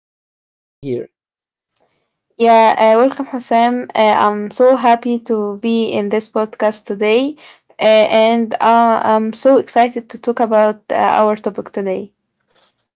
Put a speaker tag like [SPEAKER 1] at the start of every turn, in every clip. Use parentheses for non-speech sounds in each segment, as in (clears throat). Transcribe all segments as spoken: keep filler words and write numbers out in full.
[SPEAKER 1] and thank you for being here.
[SPEAKER 2] Yeah, uh, welcome, Hassan. Uh, I'm so happy to be in this podcast today, uh, and uh, I'm so excited to talk about uh, our topic today.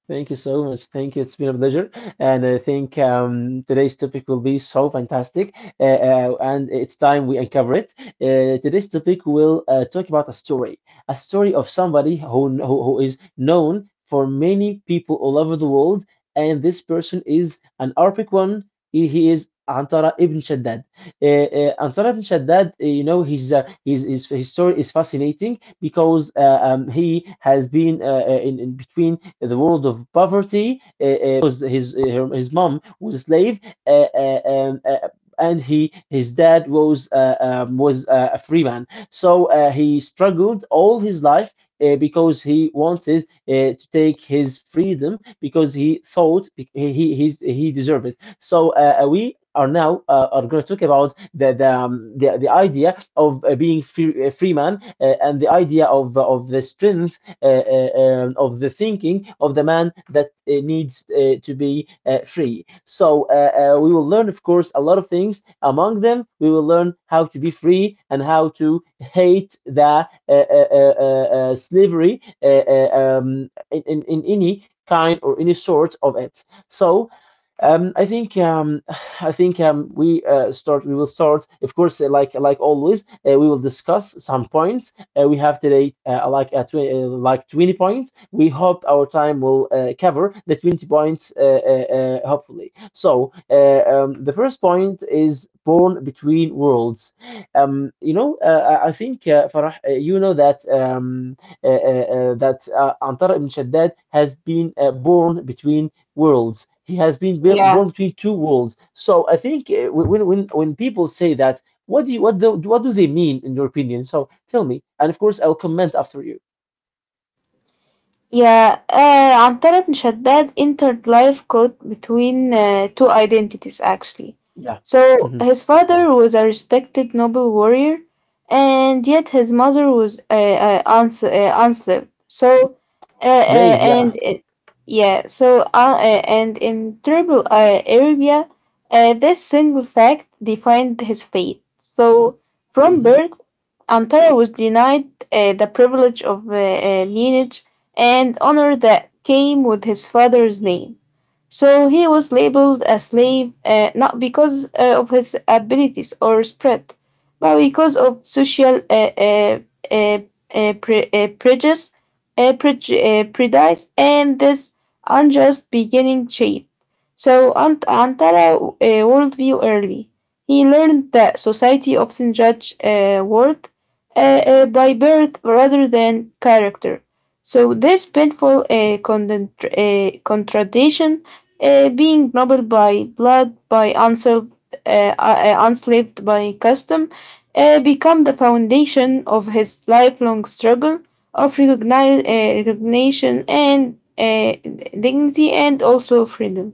[SPEAKER 1] Thank you so much. Thank you. It's been a pleasure. And I think um, today's topic will be so fantastic. Uh, uh, and it's time we uncover it. Uh, today's topic will uh, talk about a story, a story of somebody who, who, who is known for many people all over the world. And this person is an Arabic one. He he is Antara ibn Shaddad, uh, uh, Anthar ibn Shaddad. Uh, you know, his, uh, his, his, his story is fascinating because uh, um, he has been uh, uh, in, in between the world of poverty, uh, uh, because his, uh, her, his mom was a slave, uh, uh, um, uh, and he his dad was uh, um, was uh, a free man. So uh, he struggled all his life uh, because he wanted uh, to take his freedom because he thought he he he's, he deserved it. So uh, we are now uh, are going to talk about the the, um, the, the idea of uh, being free, uh, free man uh, and the idea of uh, of the strength uh, uh, um, of the thinking of the man that uh, needs uh, to be uh, free. So uh, uh, we will learn, of course, a lot of things. Among them, we will learn how to be free and how to hate the uh, uh, uh, uh, uh, slavery uh, uh, um, in, in, in any kind or any sort of it. So um, I think um, (sighs) I think um, we uh, start. We will start, of course, uh, like like always. Uh, we will discuss some points. Uh, we have today uh, like uh, tw- uh, like twenty points. We hope our time will uh, cover the twenty points, uh, uh, uh, hopefully. So uh, um, the first point is born between worlds. Um, you know, uh, I I think uh, Farah, uh, you know that um, uh, uh, uh, that uh, Antar ibn Shaddad has been uh, born between worlds. He has been built, born between two worlds. So I think uh, when when when people say that, what do you, what do what do they mean in your opinion? So tell me, and of course I'll comment after you.
[SPEAKER 2] Yeah, uh, Antarat Mishaddad entered life caught between uh, two identities actually.
[SPEAKER 1] Yeah.
[SPEAKER 2] So
[SPEAKER 1] Hmm.
[SPEAKER 2] his father was a respected noble warrior, and yet his mother was uh, uh, uns- uh, enslaved. So, uh, uh,
[SPEAKER 1] Slave. Yeah.
[SPEAKER 2] and uh, yeah, so uh, uh, and in tribal uh, Arabia, uh, this single fact defined his fate. So from
[SPEAKER 1] Hmm.
[SPEAKER 2] birth, Antara was denied uh, the privilege of uh, uh, lineage and honor that came with his father's name. So he was labeled a slave uh, not because uh, of his abilities or spread, but because of social uh, uh, uh, uh, pre- uh, prejudice, uh, preju- uh, prejudice, and this unjust beginning shape. So Ant- Antara uh, worldview early. He learned that society often judge uh, worth uh, uh, by birth rather than character. So this painful uh, condent- uh, contradiction uh, being noble by blood, by unserved, uh, uh, uh, enslaved by custom, uh, become the foundation of his lifelong struggle of recogni- uh, recognition and uh, dignity and also freedom.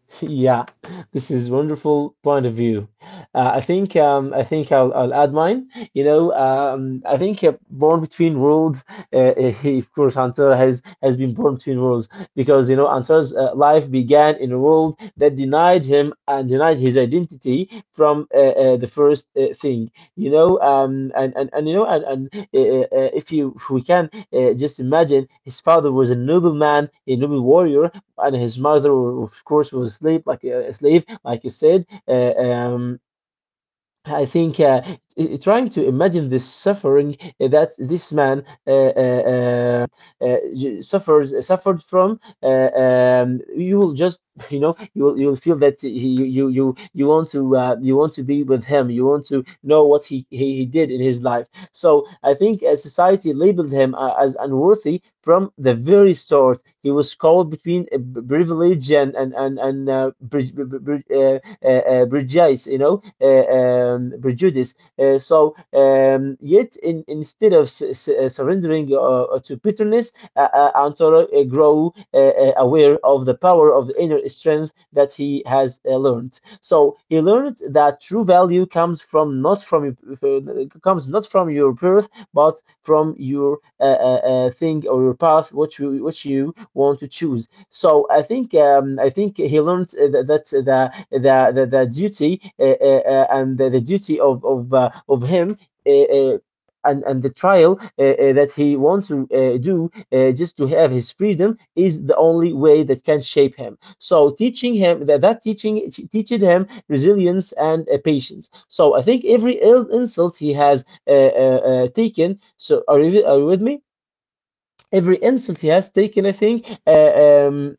[SPEAKER 1] (laughs) Yeah, this is wonderful point of view. Uh, I think um, I think I'll, I'll add mine. You know, um, I think uh, born between worlds. Uh, uh, (laughs) he- of course, Antara has has been born between worlds because you know Antara's uh, life began in a world that denied him and denied his identity from uh, uh, the first uh, thing. You know, um, and, and and you know, and, and uh, uh, uh, if you if we can uh, just imagine, his father was a noble man, a noble warrior, and his mother, of course, was a slave, like a slave, like you said. Uh, um, I think uh, i- i- trying to imagine the suffering uh, that this man uh, uh, uh, uh, j- suffers uh, suffered from. Uh, um, you will just (laughs) you know you will, you will feel that he, you you you you want to uh, you want to be with him. You want to know what he, he, he did in his life. So I think uh, society labeled him uh, as unworthy from the very start. He was caught between uh, b- privilege and and and and uh, bri- bri- bri- uh, uh, prejudice, you know, uh, um, prejudice. Uh, so um, yet, in, instead of s- s- uh, surrendering uh, uh, to bitterness, uh, uh, Antoro uh, grow uh, uh, aware of the power of the inner strength that he has uh, learned. So he learned that true value comes from not from your- comes not from your birth, but from your uh, uh, uh, thing or your path, which you which you want to choose. So I think um, I think he learned uh, that that uh, the the the, the duty uh, uh, uh, and the, the duty of of uh, of him. Uh, uh, and, and the trial uh, uh, that he wants to uh, do uh, just to have his freedom is the only way that can shape him. So teaching him that that teaching teached him resilience and uh, patience. So I think every ill insult he has uh, uh, uh, taken. So are you, are you with me? Every insult he has taken, I think, uh, um,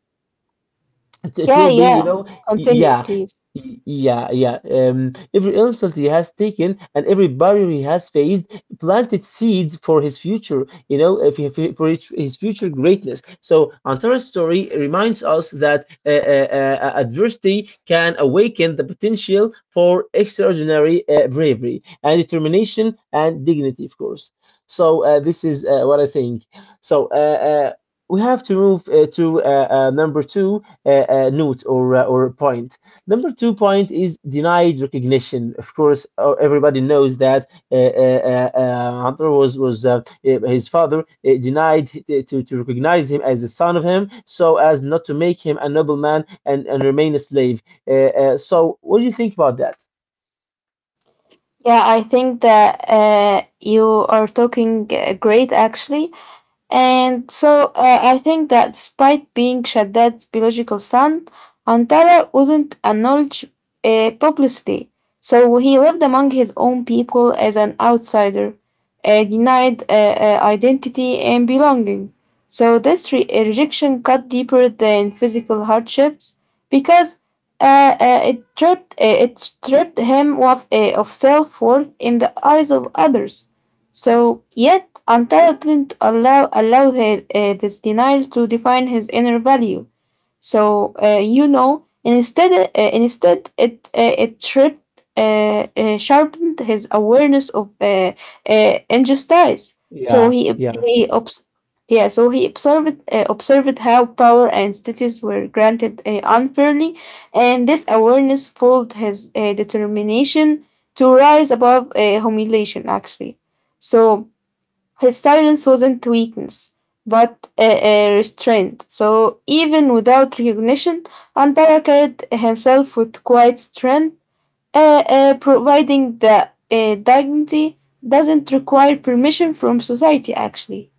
[SPEAKER 1] it, it
[SPEAKER 2] Yeah,
[SPEAKER 1] will be, you
[SPEAKER 2] yeah.
[SPEAKER 1] know,
[SPEAKER 2] Continue,
[SPEAKER 1] yeah,
[SPEAKER 2] please.
[SPEAKER 1] y- yeah, yeah. Um, every insult he has taken and every barrier he has faced planted seeds for his future, you know, if he- for for his, his future greatness. So Antara's story reminds us that uh, uh, uh, adversity can awaken the potential for extraordinary uh, bravery and determination and dignity, of course. So uh, this is uh, what I think. So uh, uh, we have to move uh, to uh, uh, number two uh, uh, note or uh, or point. Number two point is denied recognition. Of course, uh, everybody knows that uh, uh, uh, uh, Hunter was was uh, uh, his father uh, denied t- to to recognize him as the son of him, so as not to make him a nobleman and and remain a slave. Uh, uh, so, what do you think about that?
[SPEAKER 2] Yeah, I think that uh, you are talking uh, great actually. And so uh, I think that despite being Shaddad's biological son, Antara wasn't acknowledged uh, publicly. So he lived among his own people as an outsider, uh, denied uh, uh, identity and belonging. So this re- uh, rejection cut deeper than physical hardships because uh, uh, it stripped uh, it stripped him of, uh, of self worth in the eyes of others. So, yet, Antara didn't allow, allow her, uh, this denial to define his inner value. So uh, you know, instead, uh, instead it uh, it tripped, uh, uh, sharpened his awareness of uh, uh, injustice. So
[SPEAKER 1] Yeah,
[SPEAKER 2] he ob-
[SPEAKER 1] yeah.
[SPEAKER 2] he obs- yeah, so he observed uh, observed how power and status were granted uh, unfairly, and this awareness fueled his uh, determination to rise above uh, humiliation. Actually, so his silence wasn't weakness, but a uh, restraint. So even without recognition, Antara carried himself with quiet strength, uh, uh, providing that uh, dignity doesn't require permission from society. Actually,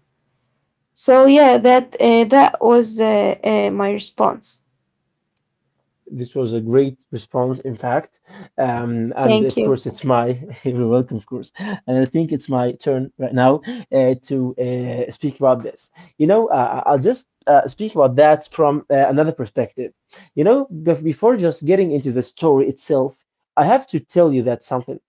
[SPEAKER 2] so yeah, that uh, that was uh, uh, my response.
[SPEAKER 1] This was a great response, in fact. Um, and
[SPEAKER 2] Thank
[SPEAKER 1] of
[SPEAKER 2] you.
[SPEAKER 1] course, it's my, (laughs) you're welcome, of course. And I think it's my turn right now uh, to uh, speak about this. You know, uh, I'll just uh, speak about that from uh, another perspective. You know, bef- before just getting into the story itself, I have to tell you that something.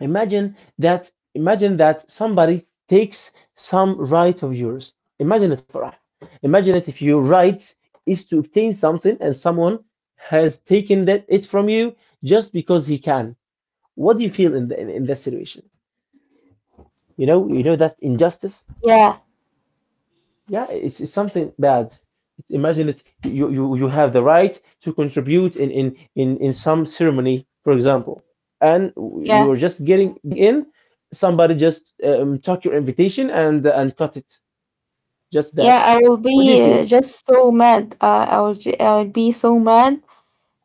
[SPEAKER 1] Imagine that imagine that somebody takes some right of yours. Imagine it, Farah. Imagine it if your right is to obtain something and someone has taken that it from you just because he can. What do you feel in the, in, in that situation? You know, you know that injustice.
[SPEAKER 2] Yeah,
[SPEAKER 1] Yeah, it's, it's something bad. It's, imagine it. You, you you have the right to contribute in in in in some ceremony, for example, and
[SPEAKER 2] yeah,
[SPEAKER 1] you're just getting in. Somebody just um, took your invitation and and cut it. Just
[SPEAKER 2] yeah.
[SPEAKER 1] that.
[SPEAKER 2] I will
[SPEAKER 1] What do you
[SPEAKER 2] be uh,
[SPEAKER 1] feel?
[SPEAKER 2] just so mad. Uh, I will. j- I will be so mad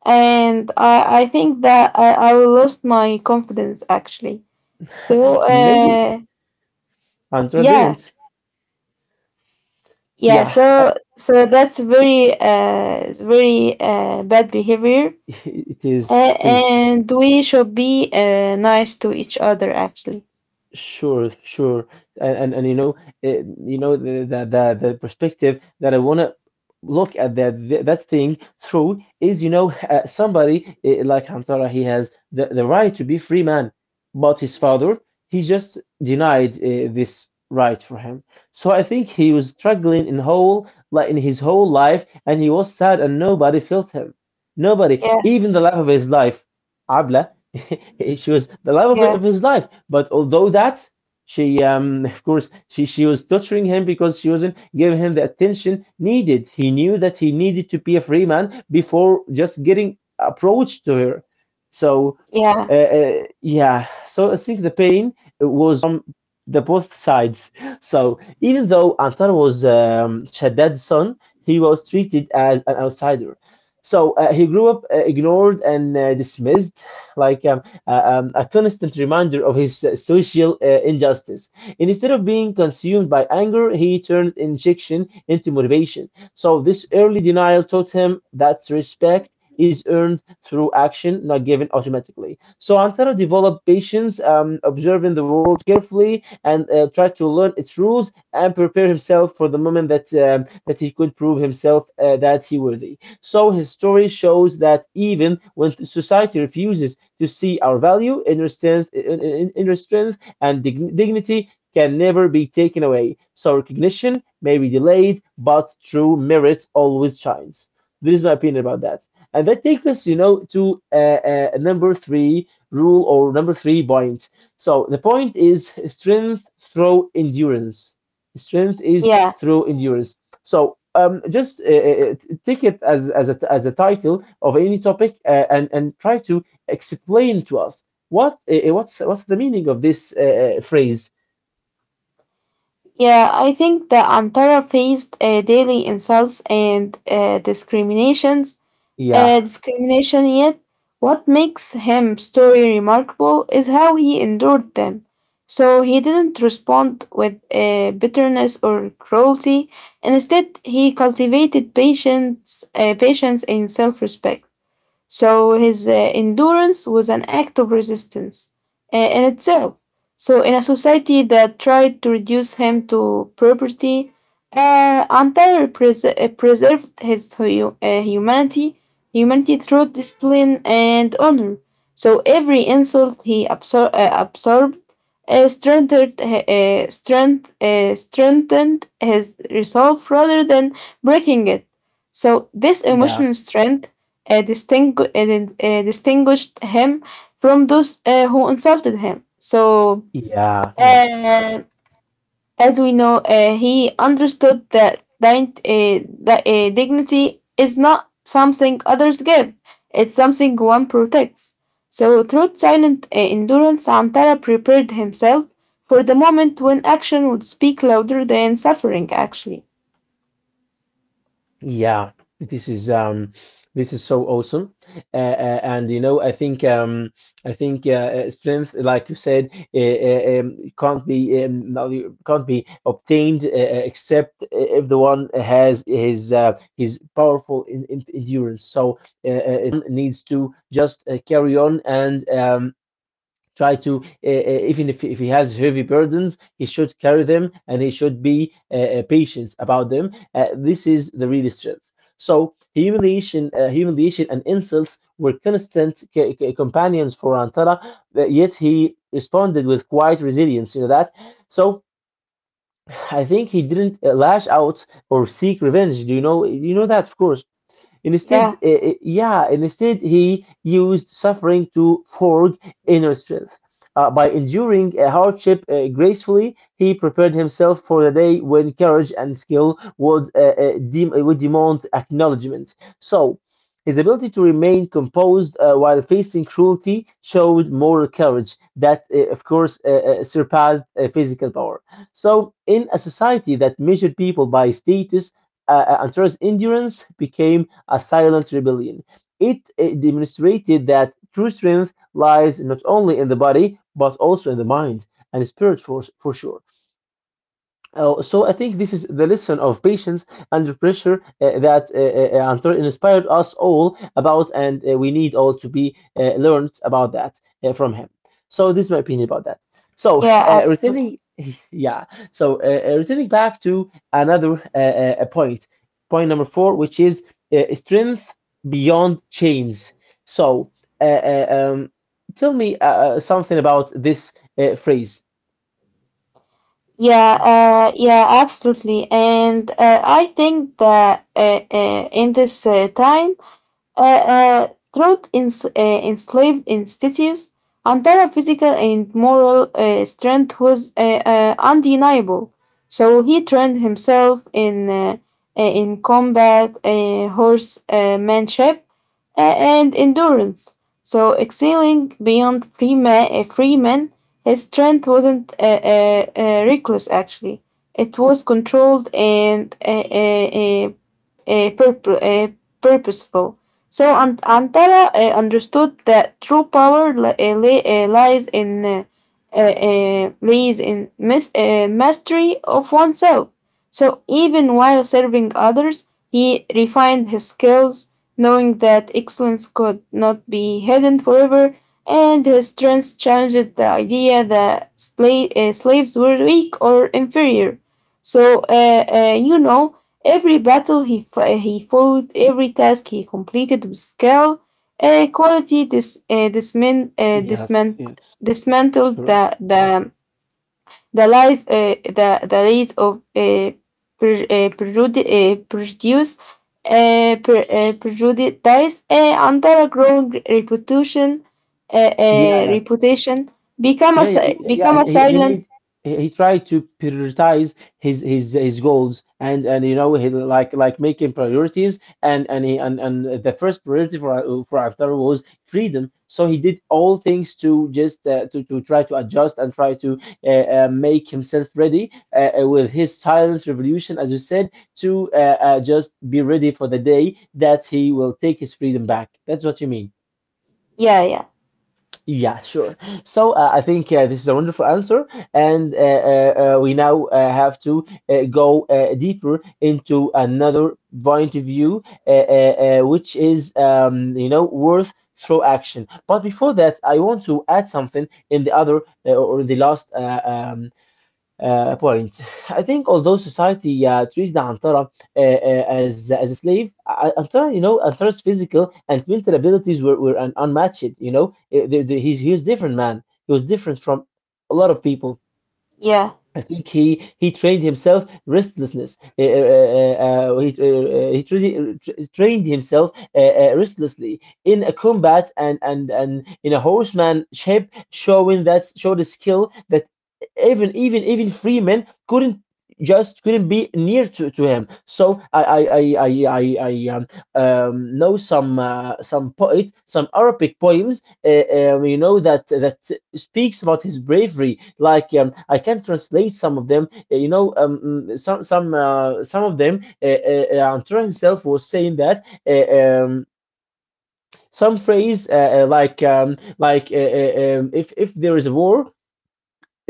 [SPEAKER 2] and I I think that I I lost my confidence actually. So
[SPEAKER 1] Maybe
[SPEAKER 2] uh
[SPEAKER 1] Andra
[SPEAKER 2] yeah
[SPEAKER 1] didn't.
[SPEAKER 2] yeah
[SPEAKER 1] Yeah, I-
[SPEAKER 2] so so that's very uh very uh bad behavior,
[SPEAKER 1] (laughs) it is.
[SPEAKER 2] uh,
[SPEAKER 1] It is.
[SPEAKER 2] and we should be uh nice to each other actually.
[SPEAKER 1] Sure, sure, and and, and you know, it, you know the, the the the perspective that I wanna look at that th- that thing through is you know uh, somebody uh, like Hamtara, he has the the right to be free man, but his father he just denied uh, this right for him. So I think he was struggling in whole like in his whole life, and he was sad, and nobody felt him. Nobody,
[SPEAKER 2] Yeah,
[SPEAKER 1] even the love of his life, Abla. (laughs) She was the love of,
[SPEAKER 2] yeah,
[SPEAKER 1] of his life. But although that, she, um, (laughs) of course, she, she was torturing him because she wasn't giving him the attention needed. He knew that he needed to be a free man before just getting approached to her. So uh,
[SPEAKER 2] yeah,
[SPEAKER 1] uh, yeah, so I think the pain was from the both sides. So even though Antar was um, Shaddad's son, he was treated as an outsider. So uh, he grew up uh, ignored and uh, dismissed, like um, uh, um, a constant reminder of his uh, social uh, injustice. And instead of being consumed by anger, he turned injection into motivation. So this early denial taught him that respect is earned through action, not given automatically. So Antara developed patience, um, observing the world carefully, and uh, tried to learn its rules and prepare himself for the moment that um, that he could prove himself uh, that he worthy. So his story shows that even when society refuses to see our value, inner strength, in- in- inner strength and dig- dignity can never be taken away. So recognition may be delayed, but true merit always shines. This is my opinion about that. And that takes us, you know, to uh, uh, number three, rule or number three point. So the point is strength through endurance. Strength is
[SPEAKER 2] yeah.
[SPEAKER 1] through endurance. So um, just uh, uh, take it as as a, as a title of any topic uh, and and try to explain to us what uh, uh, what's what's the meaning of this uh, uh, phrase.
[SPEAKER 2] Yeah, I think the Antara faced uh, daily insults and uh, discriminations uh,
[SPEAKER 1] Yeah,
[SPEAKER 2] discrimination yet. What makes him story remarkable is how he endured them. So he didn't respond with uh, bitterness or cruelty. Instead, he cultivated patience, uh, patience and self-respect. So his uh, endurance was an act of resistance uh, in itself. So in a society that tried to reduce him to property, uh, Antair pres- uh, preserved his hu- uh, humanity, humanity through discipline and honor. So every insult he absor- uh, absorbed uh, strengthened, uh, strength, uh, strengthened his resolve rather than breaking it. So this
[SPEAKER 1] yeah,
[SPEAKER 2] emotional strength uh, distingu- uh, uh, distinguished him from those uh, who insulted him. So,
[SPEAKER 1] yeah. Yes.
[SPEAKER 2] uh, as we know, uh, he understood that din- uh, that uh, dignity is not something others give; it's something one protects. So, through silent uh, endurance, Antara prepared himself for the moment when action would speak louder than suffering. Actually,
[SPEAKER 1] Yeah, this is um, this is so awesome, uh, uh, and you know, I think um, I think uh, uh, strength, like you said, uh, uh, um, can't be um, no, you- can't be obtained uh, uh, except if the one has his uh, his powerful in, in endurance. So, uh, uh, it needs to just uh, carry on, and um, try to uh, uh, even if, if he has heavy burdens, he should carry them, and he should be uh, uh, patient about them uh, this is the real strength. So, humiliation uh, humiliation and insults were constant c- c- companions for antara, yet he responded with quiet resilience, you know that. So I think he didn't uh, lash out or seek revenge, do you know, you know that, of course. Instead,
[SPEAKER 2] yeah,
[SPEAKER 1] eh, eh, yeah, instead he used suffering to forge inner strength. Uh, by enduring a hardship uh, gracefully, he prepared himself for the day when courage and skill would, uh, uh, dem- eh, would demand acknowledgement. So, his ability to remain composed uh, while facing cruelty showed moral courage that, uh, of course, uh, uh, surpassed uh, physical power. So, in a society that measured people by status, uh, uh, Antares' endurance became a silent rebellion. It, it demonstrated that true strength lies not only in the body, but also in the mind and spirit, for, for sure. Oh, so I think this is the lesson of patience under pressure uh, that uh, uh, Antonio inspired us all about, and uh, we need all to be uh, learned about that uh, from him. So this is my opinion about that. So,
[SPEAKER 2] yeah,
[SPEAKER 1] uh, returning, (laughs) yeah. So, uh, uh, returning back to another uh, uh, uh, point, point number four, which is uh, strength beyond chains. So, uh, uh, um, tell me uh, uh, something about this uh, phrase.
[SPEAKER 2] Yeah, uh, yeah, absolutely. And uh, I think that uh, uh, in this uh, time, uh, uh, throughout ens- uh, enslaved institutes, Antara's physical and moral uh, strength was uh, uh, undeniable. So he trained himself in uh, uh, in combat, uh, horsemanship, and endurance. So, excelling beyond free Freeman, free Freeman his strength wasn't uh, uh, uh, reckless actually, it was controlled and uh, uh, uh, purpo- uh, purposeful. So Ant- Antara uh, understood that true power li- uh, li- uh, lies in uh, uh, uh, lies in mis- uh, mastery of oneself. So even while serving others, he refined his skills, knowing that excellence could not be hidden forever, and his strength challenges the idea that sla- uh, slaves were weak or inferior. So, uh, uh, you know, every battle he, f- he fought, every task he completed with skill, uh, quality dis- uh, dismin- uh,
[SPEAKER 1] Yes,
[SPEAKER 2] dismant-
[SPEAKER 1] yes,
[SPEAKER 2] dismantled
[SPEAKER 1] sure.
[SPEAKER 2] the, the, the lies, uh, the, the lies of uh, pre- uh, prejudi- uh, prejudice, uh, pre- uh, prejudice uh, under a growing reputation, uh,
[SPEAKER 1] Yeah,
[SPEAKER 2] uh,
[SPEAKER 1] yeah,
[SPEAKER 2] reputation become a
[SPEAKER 1] yeah, yeah.
[SPEAKER 2] si-
[SPEAKER 1] Yeah, yeah.
[SPEAKER 2] become a
[SPEAKER 1] He, he
[SPEAKER 2] silent
[SPEAKER 1] made he, he tried to prioritize his his his goals, and and you know, he, like like making priorities, and and he and, and the first priority for uh, for Haftar was freedom. So he did all things to just uh, to to try to adjust and try to, uh, uh, make himself ready uh, uh, with his silent revolution, as you said, to uh, uh, just be ready for the day that he will take his freedom back. That's what you mean.
[SPEAKER 2] yeah yeah
[SPEAKER 1] Yeah, sure. So uh, I think uh, this is a wonderful answer, and uh, uh, uh, we now uh, have to uh, go uh, deeper into another point of view, uh, uh, uh, which is um, you know worth through action. But before that, I want to add something in the other, uh, or the last uh, um, uh, point. I think although society uh, treated Antara, uh, uh, as as a slave. uh, Antara, you know, Antara's physical and mental abilities were, were un- unmatched. You know, Uh, the, the, he's he was different man. He was different from a lot of people.
[SPEAKER 2] yeah
[SPEAKER 1] I think he he trained himself restlessness. Uh, uh, uh, uh, he uh, uh, he trained, trained himself uh, uh, restlessly in a combat, and and and in a horsemanship, showing that showed a skill that even even even free men couldn't just couldn't be near to, to him. So I I I I I, I um, um, know some uh, some poets, some Arabic poems uh, um, you know that that speaks about his bravery. Like um, I can translate some of them. Uh, You know, um, mm, some some uh, some of them. Uh, uh, uh, Antura himself was saying that, uh, um, some phrase, uh, uh, like um, like uh, uh, um, if if there is a war,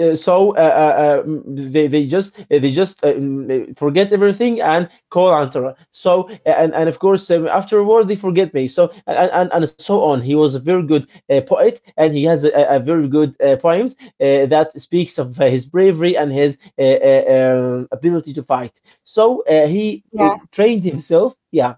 [SPEAKER 1] uh, so uh, uh, um, they they just uh, they just uh, mm, forget everything and call Antara. So, and and of course, um, afterward they forget me. So and, and and so on. He was a very good uh, poet, and he has a, a very good uh, poems uh, that speaks of uh, his bravery and his uh, uh, um, ability to fight. So, uh, he uh,
[SPEAKER 2] yeah
[SPEAKER 1] trained himself. Yeah,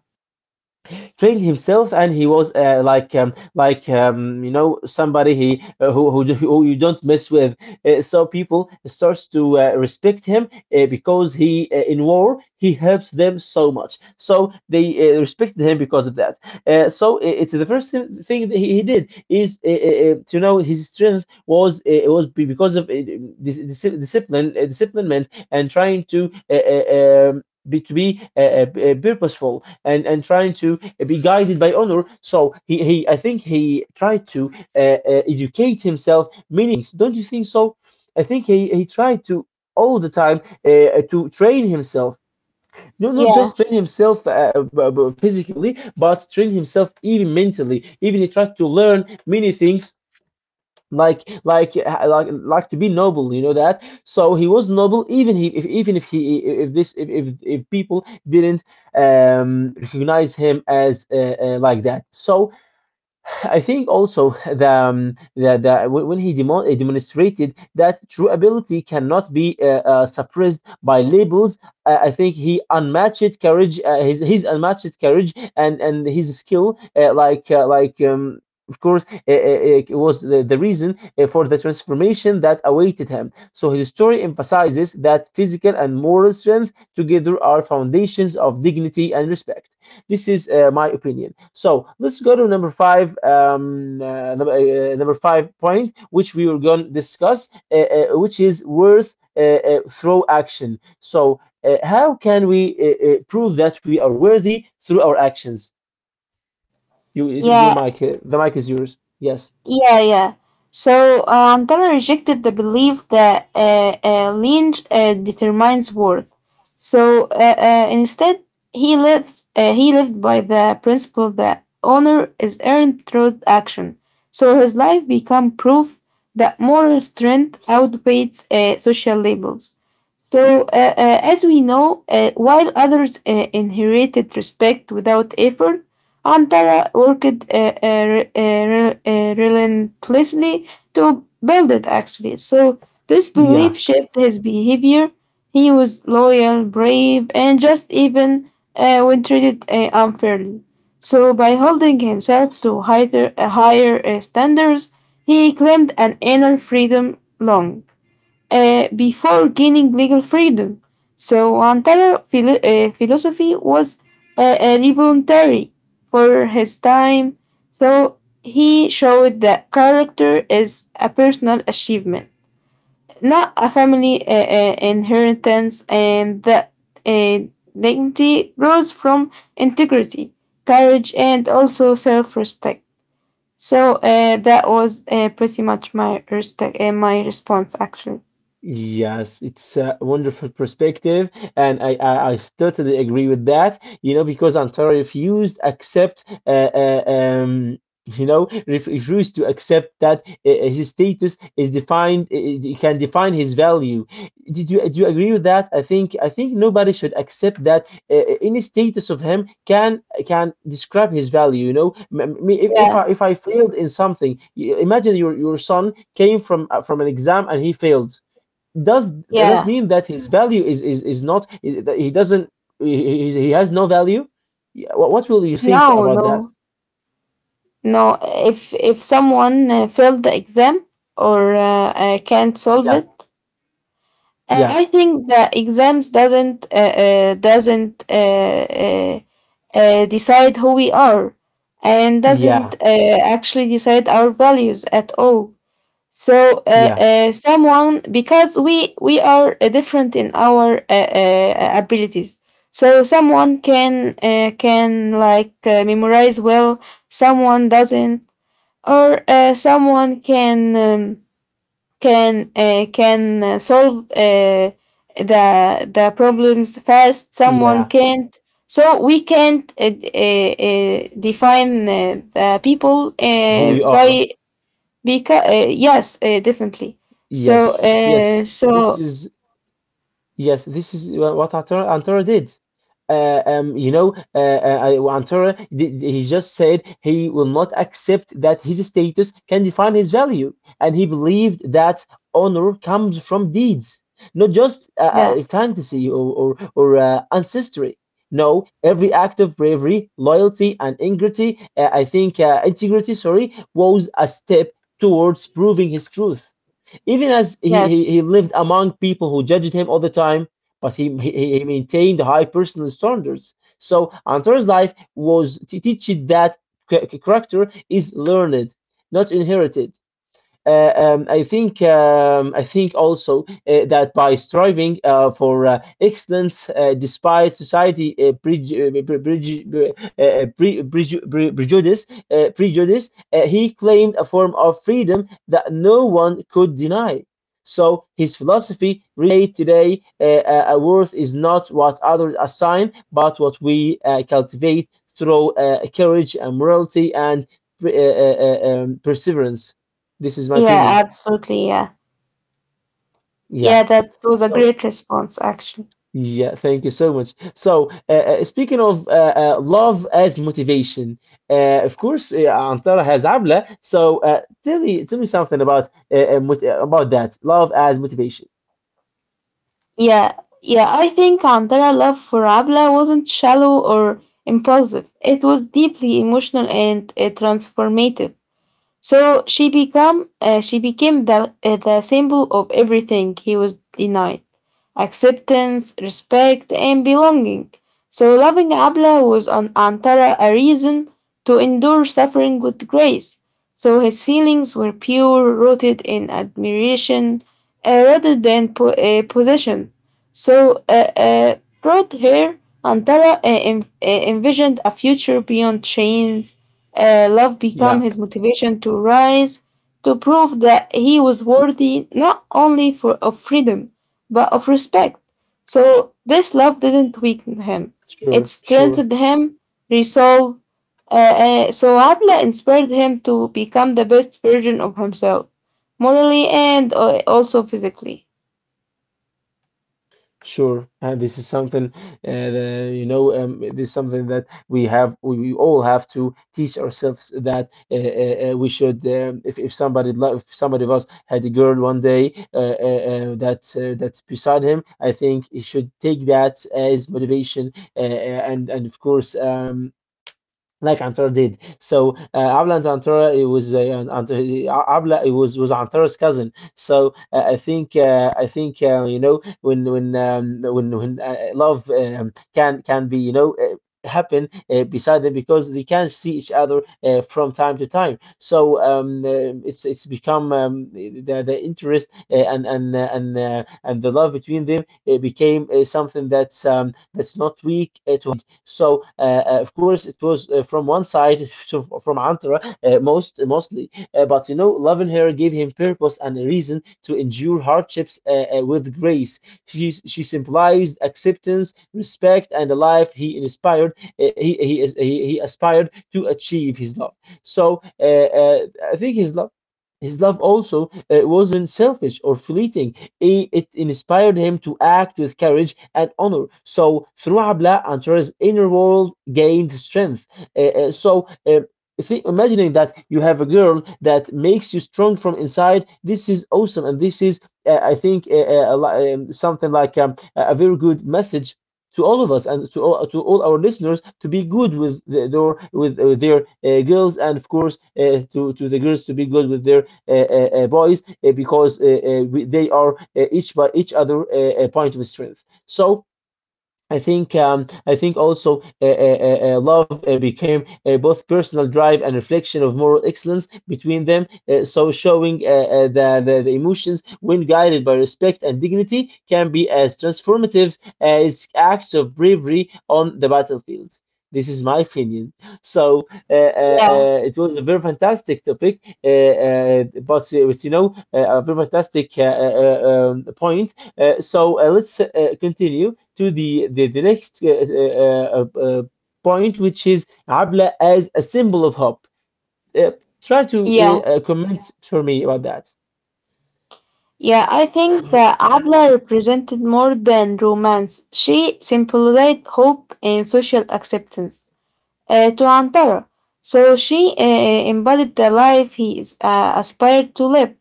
[SPEAKER 1] trained himself. And he was, uh, like um, like um, you know somebody he uh, who, who who you don't mess with. Uh, so people starts to uh, respect him, uh, because he, uh, in war, he helps them so much. So they uh, respected him because of that. Uh, so, uh, it's the first thi- thing that he, he did is uh, uh, uh, to know his strength was uh, was be- because of uh, dis- dis- discipline, uh, disciplinment, and trying to. Uh, uh, um, be, to be uh, uh, uh, purposeful, and and trying to, eh, be guided by honor. So, he, he I think he tried to uh, uh, educate himself many things. Don't you think so? I think he, he tried to all the time uh, to train himself. No, not
[SPEAKER 2] yeah
[SPEAKER 1] just train himself, uh, b- b- physically, but train himself even mentally. Even he tried to learn many things, like like uh, like like to be noble, you know that. So he was noble, even he if, even if he if this if if, if, people didn't um recognize him as uh, uh, like that. So, I think also, the, um, the, the when he demo- uh, demonstrated that true ability cannot be uh, uh, suppressed by labels. Uh, I think, he unmatched courage, uh, his his unmatched courage and and his skill, uh, like uh, like um, of course, uh, uh, uh, was the, the reason uh, for the transformation that awaited him. So his story emphasizes that physical and moral strength together are foundations of dignity and respect. This is uh, my opinion. So, let's go to number five, um, uh, number, uh, uh, number five point, which we were going to discuss, uh, uh, which is worth uh, uh, through action. So, uh, how can we uh, uh, prove that we are worthy through our actions? You, your
[SPEAKER 2] yeah,
[SPEAKER 1] mic, uh, the mic is yours. Yes.
[SPEAKER 2] Yeah, yeah. So uh, Antara rejected the belief that uh, uh, lineage uh, determines worth. So uh, uh, instead, he lives. Uh, he lived by the principle that honor is earned through action. So his life became proof that moral strength outweighs uh, social labels. So, uh, uh, as we know, uh, while others uh, inherited respect without effort, Antara worked uh, uh, uh, uh, relentlessly to build it, actually. So, this
[SPEAKER 1] Yeah.
[SPEAKER 2] belief shaped his behavior. He was loyal, brave, and just even uh, when treated uh, unfairly. So, by holding himself to higher, uh, higher uh, standards, he claimed an inner freedom long uh, before gaining legal freedom. So Antara philo- uh, philosophy was uh, uh, revolutionary for his time. So he showed that character is a personal achievement, not a family uh, uh, inheritance, and that uh, dignity grows from integrity, courage, and also self-respect. So uh, that was uh, pretty much my respect, uh, my response actually.
[SPEAKER 1] Yes, it's a wonderful perspective, and I, I, I totally agree with that. You know, because Antara refused accept, uh, uh, um, you know, ref refused to accept that uh, uh, his status is defined, uh, uh, can define his value. Did you do you agree with that? I think I think nobody should accept that uh, uh, any status of him can can describe his value. You know, M- m- me if, if
[SPEAKER 2] Yeah,
[SPEAKER 1] I if I failed in something, y- imagine your your son came from uh, from an exam and he failed. Does does
[SPEAKER 2] yeah.
[SPEAKER 1] mean that his value is is is not, is- that he doesn't, he, he he has no value. Yeah, what, what will you think
[SPEAKER 2] No,
[SPEAKER 1] about that?
[SPEAKER 2] no, no. If if someone uh, failed the exam or uh, uh, can't solve
[SPEAKER 1] Yeah,
[SPEAKER 2] it, uh,
[SPEAKER 1] yeah,
[SPEAKER 2] I think the exams doesn't uh, uh, doesn't uh, uh, uh, decide who we are, and doesn't
[SPEAKER 1] yeah,
[SPEAKER 2] uh, actually decide our values at all. So uh,
[SPEAKER 1] yeah,
[SPEAKER 2] uh, someone because we we are uh, different in our uh, uh, abilities. So someone can uh, can like uh, memorize well, someone doesn't, or uh, someone can um, can uh, can uh, solve uh, the the problems fast. Someone
[SPEAKER 1] yeah,
[SPEAKER 2] can't. So we can't uh, d- uh, uh, define uh, the people
[SPEAKER 1] who
[SPEAKER 2] uh,
[SPEAKER 1] we are.
[SPEAKER 2] by because uh, yes, uh, definitely. So
[SPEAKER 1] Yes, yes,
[SPEAKER 2] uh,
[SPEAKER 1] this
[SPEAKER 2] so
[SPEAKER 1] is. Yes, this is wha- what Antara Antara did. Uh, um, you know, uh, uh, uh, Antara did. He just said he will not accept that his status can define his value, and he believed that honor comes from deeds, not just uh,
[SPEAKER 2] yeah,
[SPEAKER 1] uh, fantasy, or or, or uh, ancestry. No, every act of bravery, loyalty, and integrity, uh, I think, uh, integrity, sorry, was a step towards proving his truth. Even as he, he,
[SPEAKER 2] yes,
[SPEAKER 1] he lived among people who judged him all the time, but he, he, he maintained high personal standards. So Antar's life was teaching that cha- character is learned, not inherited. Uh, um, I think um, I think also uh, that by striving uh, for uh, excellence uh, despite society, uh, preju- uh, pre- preju- uh, uh, pre- preju- pre- prejudice, uh, prejudice uh, he claimed a form of freedom that no one could deny. So his philosophy relate today, uh, uh, a worth is not what others assign, but what we uh, cultivate through uh, courage and morality and uh, uh, uh, um, perseverance. This is my
[SPEAKER 2] yeah,
[SPEAKER 1] opinion.
[SPEAKER 2] absolutely, yeah, yeah.
[SPEAKER 1] Yeah.
[SPEAKER 2] That was a
[SPEAKER 1] So,
[SPEAKER 2] great response, actually.
[SPEAKER 1] yeah, thank you so much. So, uh, uh, speaking of uh, uh, love as motivation, uh, of course, uh, Antara has Abla. So, uh, tell me, tell me something about uh, uh, mot- uh, about that love as motivation.
[SPEAKER 2] Yeah, yeah. I think Andara love for Abla wasn't shallow or impulsive. It was deeply emotional and uh, transformative. So she become uh, she became the uh, the symbol of everything he was denied: acceptance, respect, and belonging. So loving Abla was on Antara a reason to endure suffering with grace. So his feelings were pure, rooted in admiration uh, rather than po- uh, possession. So uh, uh, brought her Antara uh, en- uh, envisioned a future beyond chains uh, love became his
[SPEAKER 1] Yeah,
[SPEAKER 2] motivation to rise, to prove that he was worthy not only for, of freedom, but of respect. So this love didn't weaken him, it
[SPEAKER 1] sure,
[SPEAKER 2] strengthened
[SPEAKER 1] sure.
[SPEAKER 2] him, resolve. Uh, uh, so Abla inspired him to become the best version of himself, morally and uh, also physically.
[SPEAKER 1] Sure, and this is something. uh, the- you know. Um, this is something that we have. We, we all have to teach ourselves that uh, uh, uh, we should. Um, if if somebody lo- if somebody of us had a girl one day, uh, uh, uh, that's uh, that's beside him, I think he should take that as motivation. Uh, uh, and and of course, um, like Antara did. So, uh, Abla and Antara, it was uh, and- and, uh, Abla, it was was Antara's cousin. So, uh, I think uh, I think uh, you know when when um, when when uh, love um, can can be you know. Uh, happen uh, beside them because they can see each other uh, from time to time, so um uh, it's it's become um, the, the interest, uh, and and uh, and uh, and the love between them, it became uh, something that's um that's not weak uh, to. So uh, uh, of course it was uh, from one side (laughs) to, from Antara uh, most mostly, uh, but you know, loving her gave him purpose and a reason to endure hardships uh, uh, with grace. She she symbolized acceptance, respect, and the life he inspired. Uh, he he is he, he aspired to achieve his love. So uh, uh, I think his love. His love also uh, wasn't selfish or fleeting. It, it inspired him to act with courage and honor. So, through Abla, Antar's inner world gained strength. Uh, uh, so, uh, thi- Imagining that you have a girl that makes you strong from inside, this is awesome. And this is, uh, I think, uh, uh, li- um, something like um, a a very good message. To all of us and to all, to all our listeners, to be good with the, their with, uh, their uh, girls, and of course, uh, to to the girls to be good with their uh, uh, uh, boys uh, because uh, uh, we, they are uh, each by each other, uh, a point of strength. So I think um, I think also uh, uh, uh, uh, love uh, became uh, both personal drive and reflection of moral excellence between them. Uh, so showing uh, uh, the, the the emotions, when guided by respect and dignity, can be as transformative as acts of bravery on the battlefield. This is my opinion. (laughs) So uh, uh,
[SPEAKER 2] Yeah,
[SPEAKER 1] uh, it was a very fantastic topic, uh, uh, but, uh, but you know, uh, a very fantastic uh, uh, uh, um, point. Uh, so uh, let's uh, continue to the the, the next uh, uh, uh, uh, point, which is Abla as a symbol of hope. Uh, Try to
[SPEAKER 2] yeah,
[SPEAKER 1] uh, uh, comment for me about that.
[SPEAKER 2] yeah. I think that
[SPEAKER 1] (clears throat)
[SPEAKER 2] Abla represented more than romance. She symbolized hope and social acceptance, uh, to another. So she uh, embodied the life he is- uh, aspired to live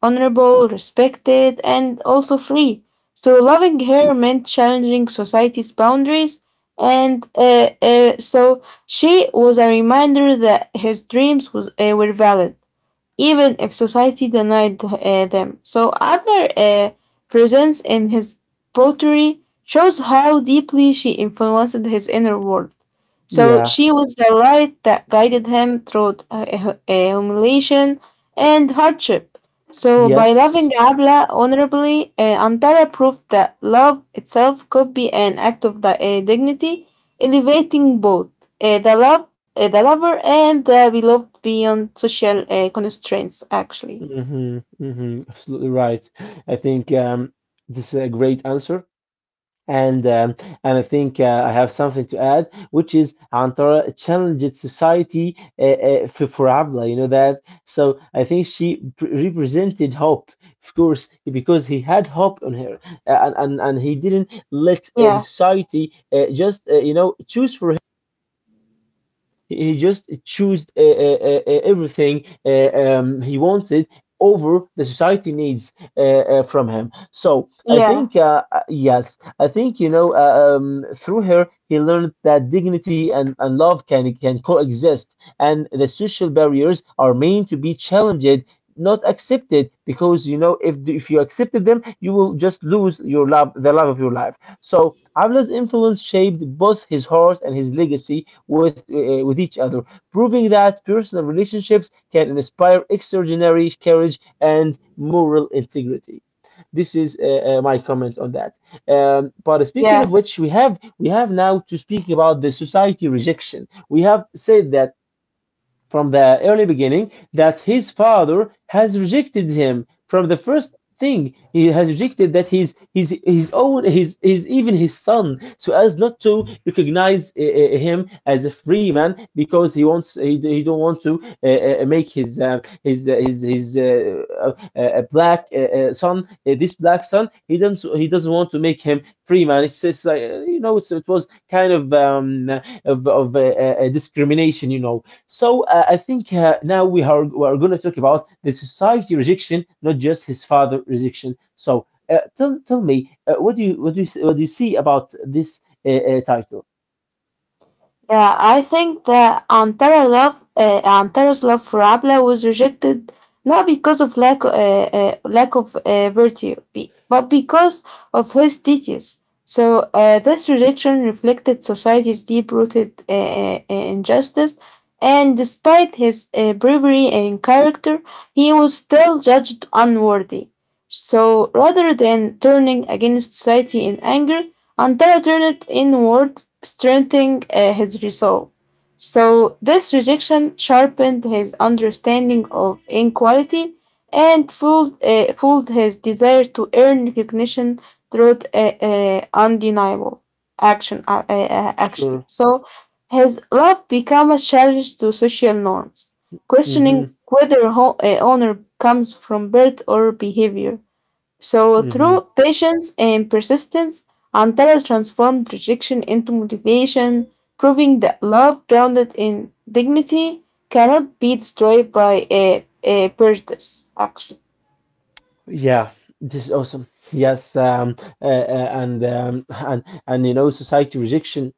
[SPEAKER 2] honorable, respected, and also free. So loving her meant challenging society's boundaries. And uh, uh, so she was a reminder that his dreams was, uh, were valid even if society denied uh, them. So Adler uh, presents in his poetry shows how deeply she influenced his inner world. So
[SPEAKER 1] Yeah.
[SPEAKER 2] she was the light that guided him through uh, hu- uh, humiliation and hardship. So by loving
[SPEAKER 1] Yes.
[SPEAKER 2] Abla honorably, uh, Antara proved that love itself could be an act of di- uh, dignity elevating both uh, the love, uh, the lover, and the beloved beyond social uh, constraints. Actually,
[SPEAKER 1] Mm-hmm. Mm-hmm. Absolutely right. I think um, this is a great answer. And um, and I think uh, I have something to add, which is Antara challenged society uh, uh, for, for Abla. You know that, so I think she pr- represented hope, of course, because he had hope on her, uh, and and, and he didn't let uh, the
[SPEAKER 2] yeah,
[SPEAKER 1] society uh, just uh, you know, choose for him. He, he just chose uh, uh, uh, uh, everything uh, um, he wanted over the society needs uh, uh, from him. So I
[SPEAKER 2] yeah,
[SPEAKER 1] think, uh, uh, yes, I think you know, uh, um, through her he learned that dignity and, and love can can coexist, and the social barriers are meant to be challenged. Not accepted, because you know, if if you accepted them you will just lose your love, the love of your life. So Avla's influence shaped both his heart and his legacy, with, uh, uh, with each other, proving that personal relationships can inspire extraordinary courage and moral integrity. This is uh, uh, my comment on that. Um, but speaking
[SPEAKER 2] yeah.
[SPEAKER 1] of which, we have we have now to speak about the society rejection. We have said that from the early beginning that his father has rejected him from the first thing. He has rejected that his his his own, his his even his son, so as not to recognize uh, uh, him as a free man, because he wants, he, he don't want to uh, uh, make his uh, his uh, his his uh, uh, uh, black uh, uh, son, uh, this black son, he doesn't he doesn't want to make him free man. It's, it's like, uh, you know, it's, it was kind of um of, of uh, uh, discrimination, you know. So uh, I think uh, now we are we are going to talk about the society rejection, not just his father rejection. So uh, tell tell me, uh, what do you, what do you, what do you see about this uh, uh, title?
[SPEAKER 2] Yeah, I think that Antara's love, uh, Antara's love for Abla was rejected not because of lack, uh, uh, lack of uh, virtue, be- but because of his teachings. So uh, this rejection reflected society's deep-rooted uh, uh, injustice, and despite his uh, bravery and character, he was still judged unworthy. So rather than turning against society in anger, until turned inward, strengthening uh, his resolve. So, this rejection sharpened his understanding of inequality and fueled, uh, fueled his desire to earn recognition through uh, uh, undeniable action, uh, uh, uh, actually.
[SPEAKER 1] Sure.
[SPEAKER 2] So, his love became a challenge to social norms,
[SPEAKER 1] Mm-hmm.
[SPEAKER 2] questioning whether ho- uh, honor comes from birth or behavior. So,
[SPEAKER 1] Mm-hmm.
[SPEAKER 2] through patience and persistence, Antara transformed rejection into motivation, proving that love grounded in dignity cannot be destroyed by a, a prejudice, actually.
[SPEAKER 1] Yeah, this is awesome. Yes, um, uh, uh, and um, and and you know, society rejection.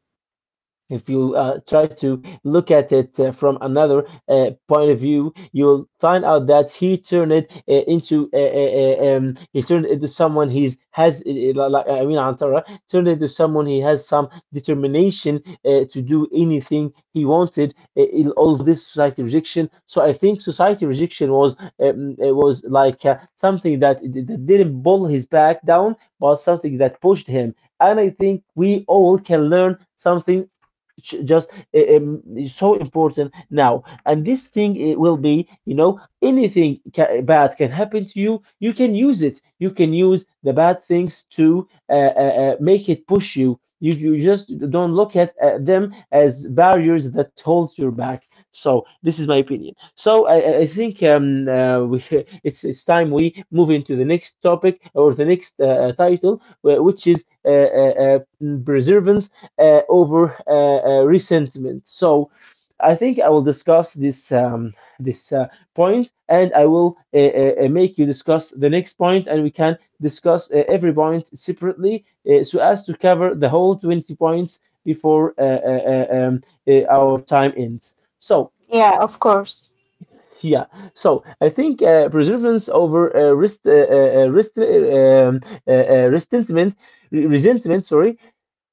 [SPEAKER 1] If you uh, try to look at it uh, from another uh, point of view, you'll find out that he turned it uh, into uh, uh, uh, um, he turned it into someone he's has uh, uh, like I mean, Antara turned it into someone he has some determination uh, to do anything he wanted. Uh, in all this society rejection. So I think society rejection was um, it was like uh, something that, that didn't pull his back down, but something that pushed him. And I think we all can learn something. Ch- just uh, um, Is so important now, and this thing, it will be, you know, anything ca- eh, bad can happen to you, you can use it, you can use the bad things to uh, uh, uh, make it push you. You, you just don't look at uh, them as barriers that holds you back. So this is my opinion. So i, I I think um, uh, we, (laughs) it's, it's time we move into the next topic, or the next uh, uh, title, wh- which is uh, uh, uh, preservance uh, over uh, uh, resentment. So I think I will discuss this um, this uh, point, and I will uh, uh, uh, make you discuss the next point, and we can discuss uh, every point separately, uh, so as to cover the whole twenty points before uh, uh, uh, um, uh, our time ends. So
[SPEAKER 2] Yeah, of course.
[SPEAKER 1] yeah, so I think uh, preservance over uh, rest, uh, uh, uh, rest, uh, um, uh, uh, resentment, resentment, sorry,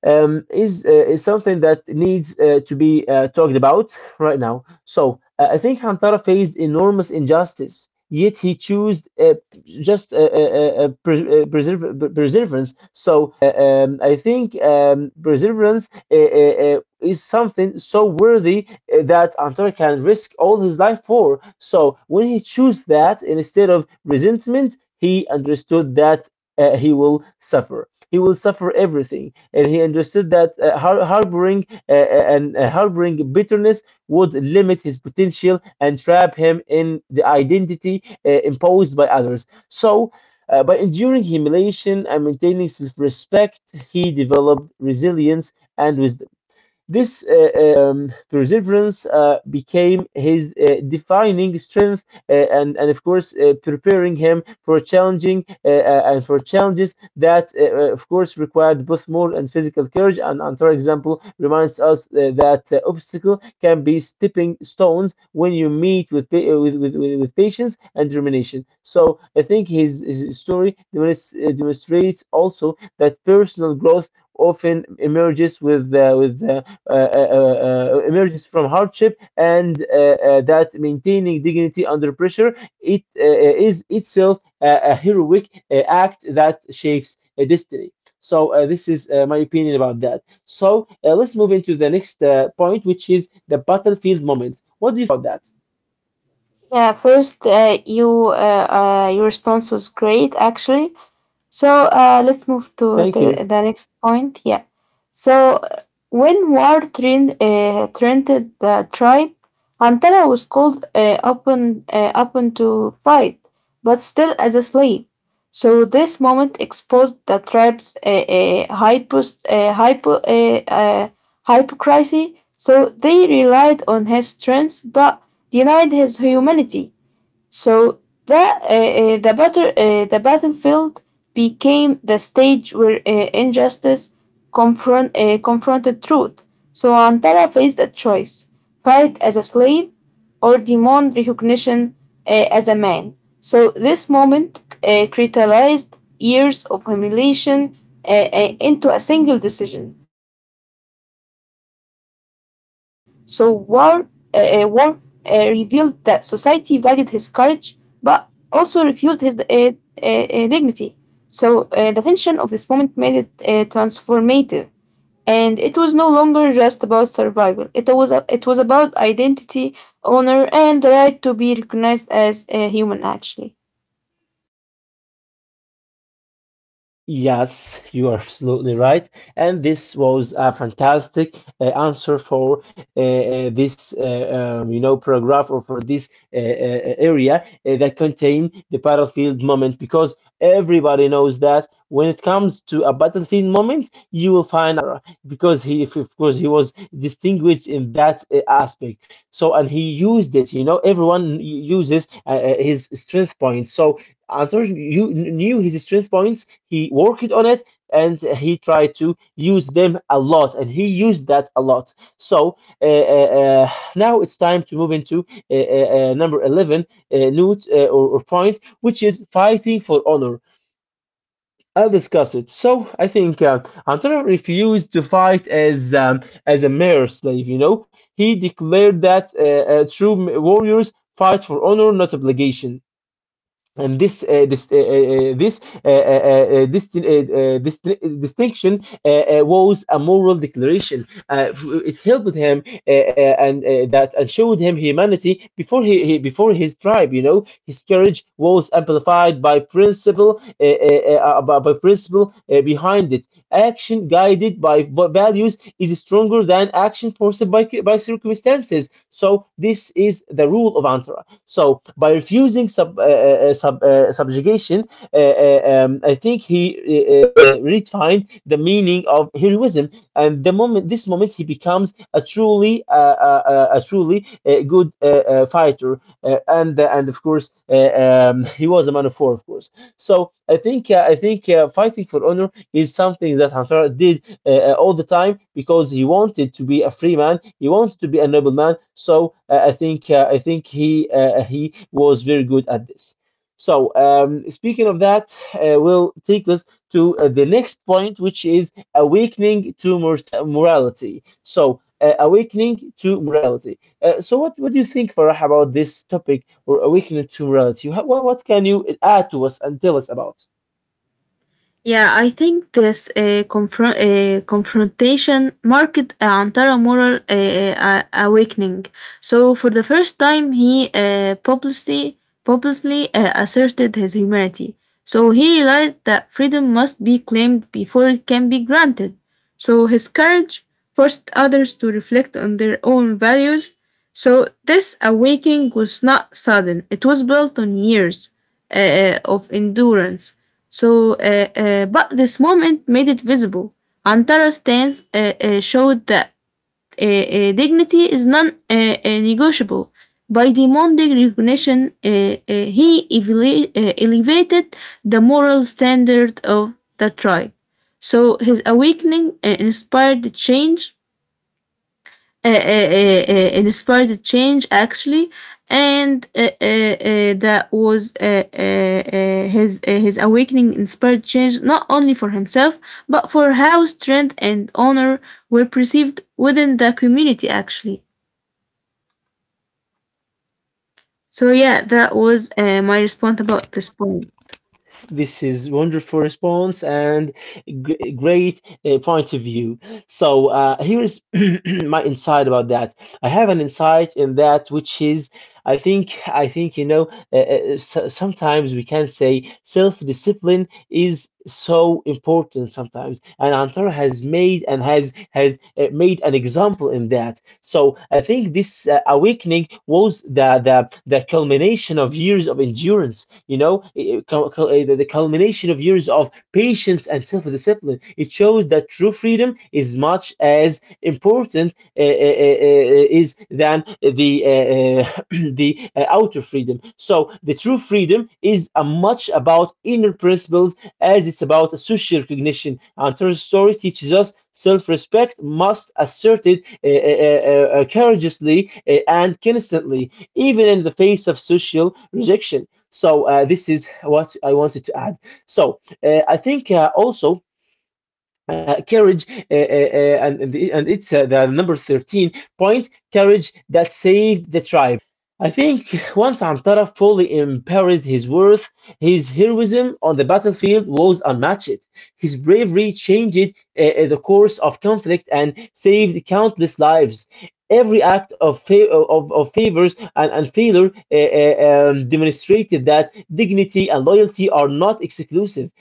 [SPEAKER 1] um, is uh, is something that needs uh, to be uh, talked about right now. So uh, I think Hantara faced enormous injustice, yet he chose uh, just uh, uh, uh, uh, pres- uh, persever- per- perseverance. So uh, um, I think um, perseverance uh, uh, uh, is something so worthy uh, that Antar can risk all his life for. So when he chose that instead of resentment, he understood that uh, he will suffer. He will suffer everything, and he understood that uh, har- harboring uh, uh, and uh, harboring bitterness would limit his potential and trap him in the identity uh, imposed by others. So, uh, by enduring humiliation and maintaining self-respect, he developed resilience and wisdom. This uh, um, perseverance uh, became his uh, defining strength, uh, and, and, of course, uh, preparing him for challenging uh, uh, and for challenges that, uh, uh, of course, required both moral and physical courage. And another example reminds us uh, that uh, obstacle can be stepping stones when you meet with, pa- uh, with, with, with patience and determination. So I think his, his story demonstrates uh, demonstrates also that personal growth often emerges with uh, with uh, uh, uh, uh, uh, emerges from hardship, and uh, uh, that maintaining dignity under pressure, it uh, uh, is itself a, a heroic uh, act that shapes a destiny. So uh, this is uh, my opinion about that. So uh, let's move into the next uh, point, which is the battlefield moment. What do you think about that?
[SPEAKER 2] Yeah, first, uh, you, uh, uh, your response was great, actually. So uh, let's move to
[SPEAKER 1] Thank
[SPEAKER 2] the,
[SPEAKER 1] you.
[SPEAKER 2] the next point. Yeah. So uh, when war trend, uh, trended the tribe, Antara was called uh, upon uh, upon to fight, but still as a slave. So this moment exposed the tribe's uh, uh, hypos, uh, hypo, uh, uh, hypocrisy. So they relied on his strength, but denied his humanity. So the uh, uh, the battle uh, the battlefield became the stage where uh, injustice confront uh, confronted truth. So Antara faced a choice: fight as a slave or demand recognition uh, as a man. So this moment uh, crystallized years of humiliation uh, uh, into a single decision. So war uh, uh, war uh, revealed that society valued his courage but also refused his uh, uh, uh, dignity. So uh, the tension of this moment made it uh, transformative, and it was no longer just about survival. It was a, it was about identity, honor, and the right to be recognized as a human. Actually.
[SPEAKER 1] Yes, you are absolutely right. And this was a fantastic uh, answer for uh, uh, this, uh, um, you know, paragraph, or for this uh, uh, uh, area uh, that contain the battlefield moment, because everybody knows that when it comes to a battlefield moment, you will find, because he, if, of course, he was distinguished in that uh, aspect. So, and he used it, you know, everyone uses uh, uh, his strength points. So Antonio, you knew his strength points, he worked on it, and he tried to use them a lot, and he used that a lot. So uh, uh, uh, now it's time to move into uh, uh, uh, number eleven uh, note, uh, or, or point, which is fighting for honor. I'll discuss it. So I think uh, Antara refused to fight as um, as a mere slave. You know, he declared that uh, uh, true warriors fight for honor, not obligation, and this uh, this uh, uh, uh, this uh, uh, uh, this, uh, uh, this distinction uh, uh, was a moral declaration. Uh, it helped him uh, uh, and uh, that and showed him humanity before he, he before his tribe. You know, his courage was amplified by principle, uh, uh, uh, uh, by by principle uh, behind it. Action guided by values is stronger than action forced by, by circumstances. So this is the rule of Antara. So by refusing sub, uh, uh, uh, sub uh, subjugation, uh, uh, um, I think he uh, uh, uh, redefined the meaning of heroism. And the moment, this moment, he becomes a truly, uh, uh, uh, a truly uh, good uh, uh, fighter. Uh, and uh, and of course, uh, um, he was a man of war, of course. So I think uh, I think uh, fighting for honor is something that Hamshara did uh, uh, all the time because he wanted to be a free man. He wanted to be a noble man. So uh, I think uh, I think he uh, he was very good at this. So um, speaking of that, uh, will take us to uh, the next point, which is awakening to morta- morality. So uh, awakening to morality. Uh, so what, what do you think, Farah, about this topic or awakening to morality? What, what can you add to us and tell us about?
[SPEAKER 2] Yeah, I think this uh, confront uh, confrontation marked Antara moral uh, uh, awakening. So for the first time, he uh, publicly publicly uh, asserted his humanity. So he realized that freedom must be claimed before it can be granted. So his courage forced others to reflect on their own values. So this awakening was not sudden; it was built on years uh, uh, of endurance, so, uh, uh, but this moment made it visible. Antara's stance uh, uh, showed that uh, uh, dignity is non uh, uh, negotiable. By demanding recognition, uh, uh, he evela- uh, elevated the moral standard of the tribe. So his awakening uh, inspired the change uh, uh, uh, uh, inspired change, actually. And uh, uh, uh, that was uh, uh, uh, his uh, his awakening inspired change not only for himself but for how strength and honor were perceived within the community, actually. So yeah, that was uh, my response about this point.
[SPEAKER 1] This is wonderful response and g- great uh, point of view. So uh, here is (clears throat) my insight about that. I have an insight in that, which is I think I think you know uh, uh, so- sometimes we can say self-discipline is so important sometimes, and Antara has made and has has uh, made an example in that. So I think this uh, awakening was the, the the culmination of years of endurance, you know, i- i- cul- cul- uh, the the culmination of years of patience and self-discipline. It shows that true freedom is much as important uh, uh, uh, uh, is than the uh, uh, (clears throat) the uh, outer freedom. So the true freedom is a much about inner principles as it's about social recognition. And Torres' story teaches us self respect must be asserted uh, uh, uh, uh, uh, courageously uh, and constantly, even in the face of social rejection. So, uh, this is what I wanted to add. So, uh, I think uh, also uh, carriage uh, uh, uh, and and the- and it's uh, the number thirteen point carriage that saved the tribe. I think once Antara fully embraced his worth, his heroism on the battlefield was unmatched. His bravery changed uh, uh, the course of conflict and saved countless lives. Every act of, fa- of, of favors and, and failure uh, uh, um, demonstrated that dignity and loyalty are not exclusive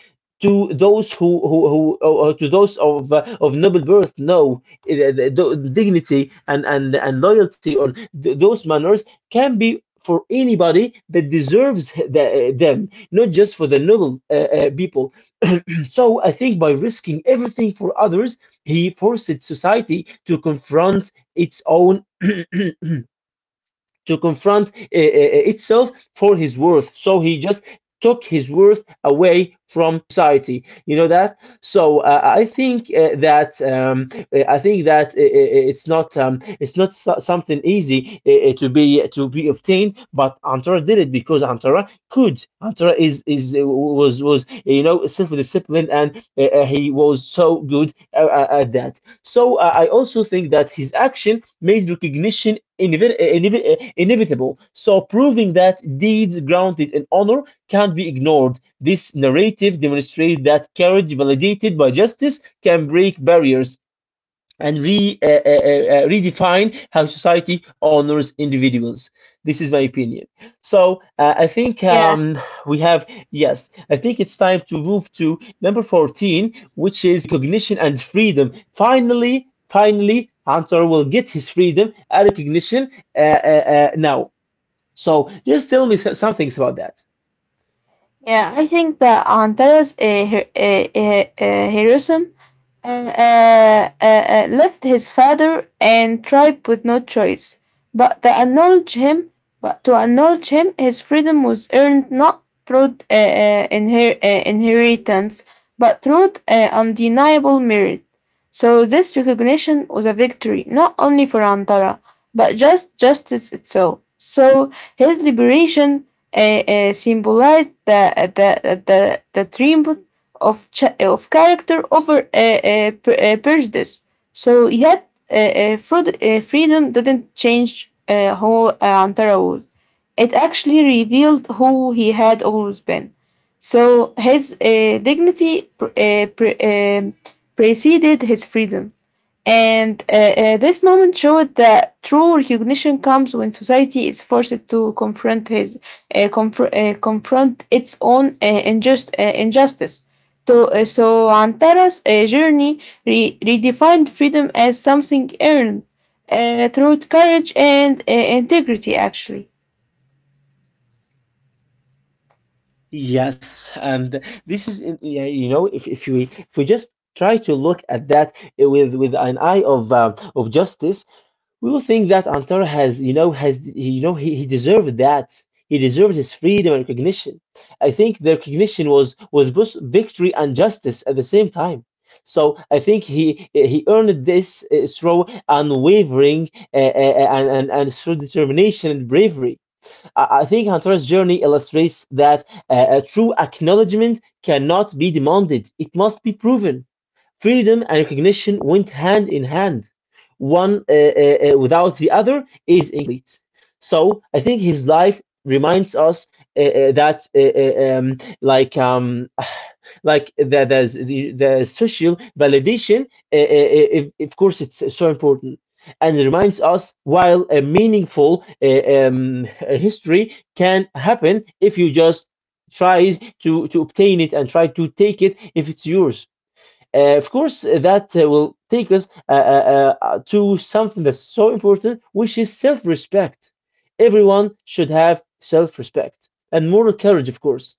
[SPEAKER 1] to those who who, who or to those of uh, of noble birth. No, uh, the, the dignity and and and loyalty on th- those manners can be for anybody that deserves the, eh, them, not just for the noble uh, uh, people. (clears throat) So I think by risking everything for others, he forced society to confront its own, (clears throat) to confront uh, itself for his worth. So he just took his worth away from society, you know that. So uh, I think uh, that um, uh, I think that eh, eh, eh, it's not um, it's not so- something easy uh, uh, to be eh, to be obtained. But Antara did it because Antara could. Antara is is uh, was was you know, self-disciplined, and uh, uh, he was so good uh, uh, at that. So uh, I also think that his action made recognition inevi- uh, inevi- uh, inevitable. So proving that deeds grounded in honor can't be ignored. This narrative demonstrates that courage validated by justice can break barriers and re, uh, uh, uh, uh, redefine how society honors individuals. This is my opinion. So uh, I think
[SPEAKER 2] Yeah.
[SPEAKER 1] um, we have, yes, I think it's time to move to number fourteen, which is recognition and freedom. Finally, finally, Hunter will get his freedom and recognition uh, uh, uh, now. So just tell me so- some things about that.
[SPEAKER 2] Yeah, I think that Antares uh, Her- uh, uh, uh, heroism uh, uh, uh, uh, left his father and tribe with no choice but to acknowledge him. But to acknowledge him, his freedom was earned not through uh, uh, inher- uh, inheritance, but through uh, undeniable merit. So this recognition was a victory not only for Antara, but just justice itself. So his liberation uh, uh, symbolized the the the, the triumph of ch- of character over uh, uh, pre- uh, prejudice. So yet, uh, uh, fraud, uh, freedom didn't change uh, who uh, Antara was. It actually revealed who he had always been. So his uh, dignity pr- uh, pre- um preceded his freedom. And uh, uh, this moment showed that true recognition comes when society is forced to confront his uh, confr- uh, confront its own uh, injust- uh, injustice. To, uh, so Antara's uh, journey re- redefined freedom as something earned uh, through courage and uh, integrity, actually.
[SPEAKER 1] Yes, and this is in- yeah, you know, if if we if we just try to look at that with with an eye of uh, of justice, we will think that Antara has, you know, has, he- you know, he, he deserved that. He deserved his freedom and recognition. I think the recognition was was both victory and justice at the same time. So I think he he earned this uh, through unwavering uh, uh, uh, and, and and through determination and bravery. I, I think Antara's journey illustrates that uh, a true acknowledgement cannot be demanded; it must be proven. Freedom and recognition went hand in hand. One uh, uh, uh, without the other is incomplete. So I think his life reminds us uh, uh, that uh, uh, um, like um, (sighs) like the the, the, social validation, uh, uh, uh, if, of course, it's so important. And it reminds us while a meaningful uh, um, (laughs) history can happen if you just try to, to obtain it and try to take it if it's yours. Uh, of course, uh, that uh, will take us uh, uh, uh, uh, to something that's so important, which is self respect. Everyone should have self respect and moral courage, of course.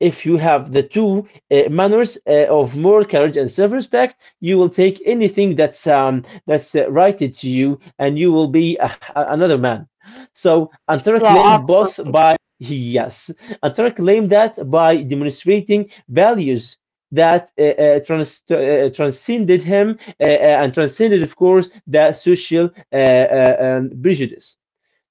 [SPEAKER 1] If you have the two uh, manners uh, of moral courage and self-respect, you will take anything that's um, that's uh, righted to you, and you will be a, a- another man. So Antara
[SPEAKER 2] Yeah,
[SPEAKER 1] claimed both
[SPEAKER 2] absolutely.
[SPEAKER 1] by, yes, Antara claimed that by demonstrating values that uh, uh, trans- uh, transcended him uh, uh, and transcended, of course, the social uh, uh, um, prejudice.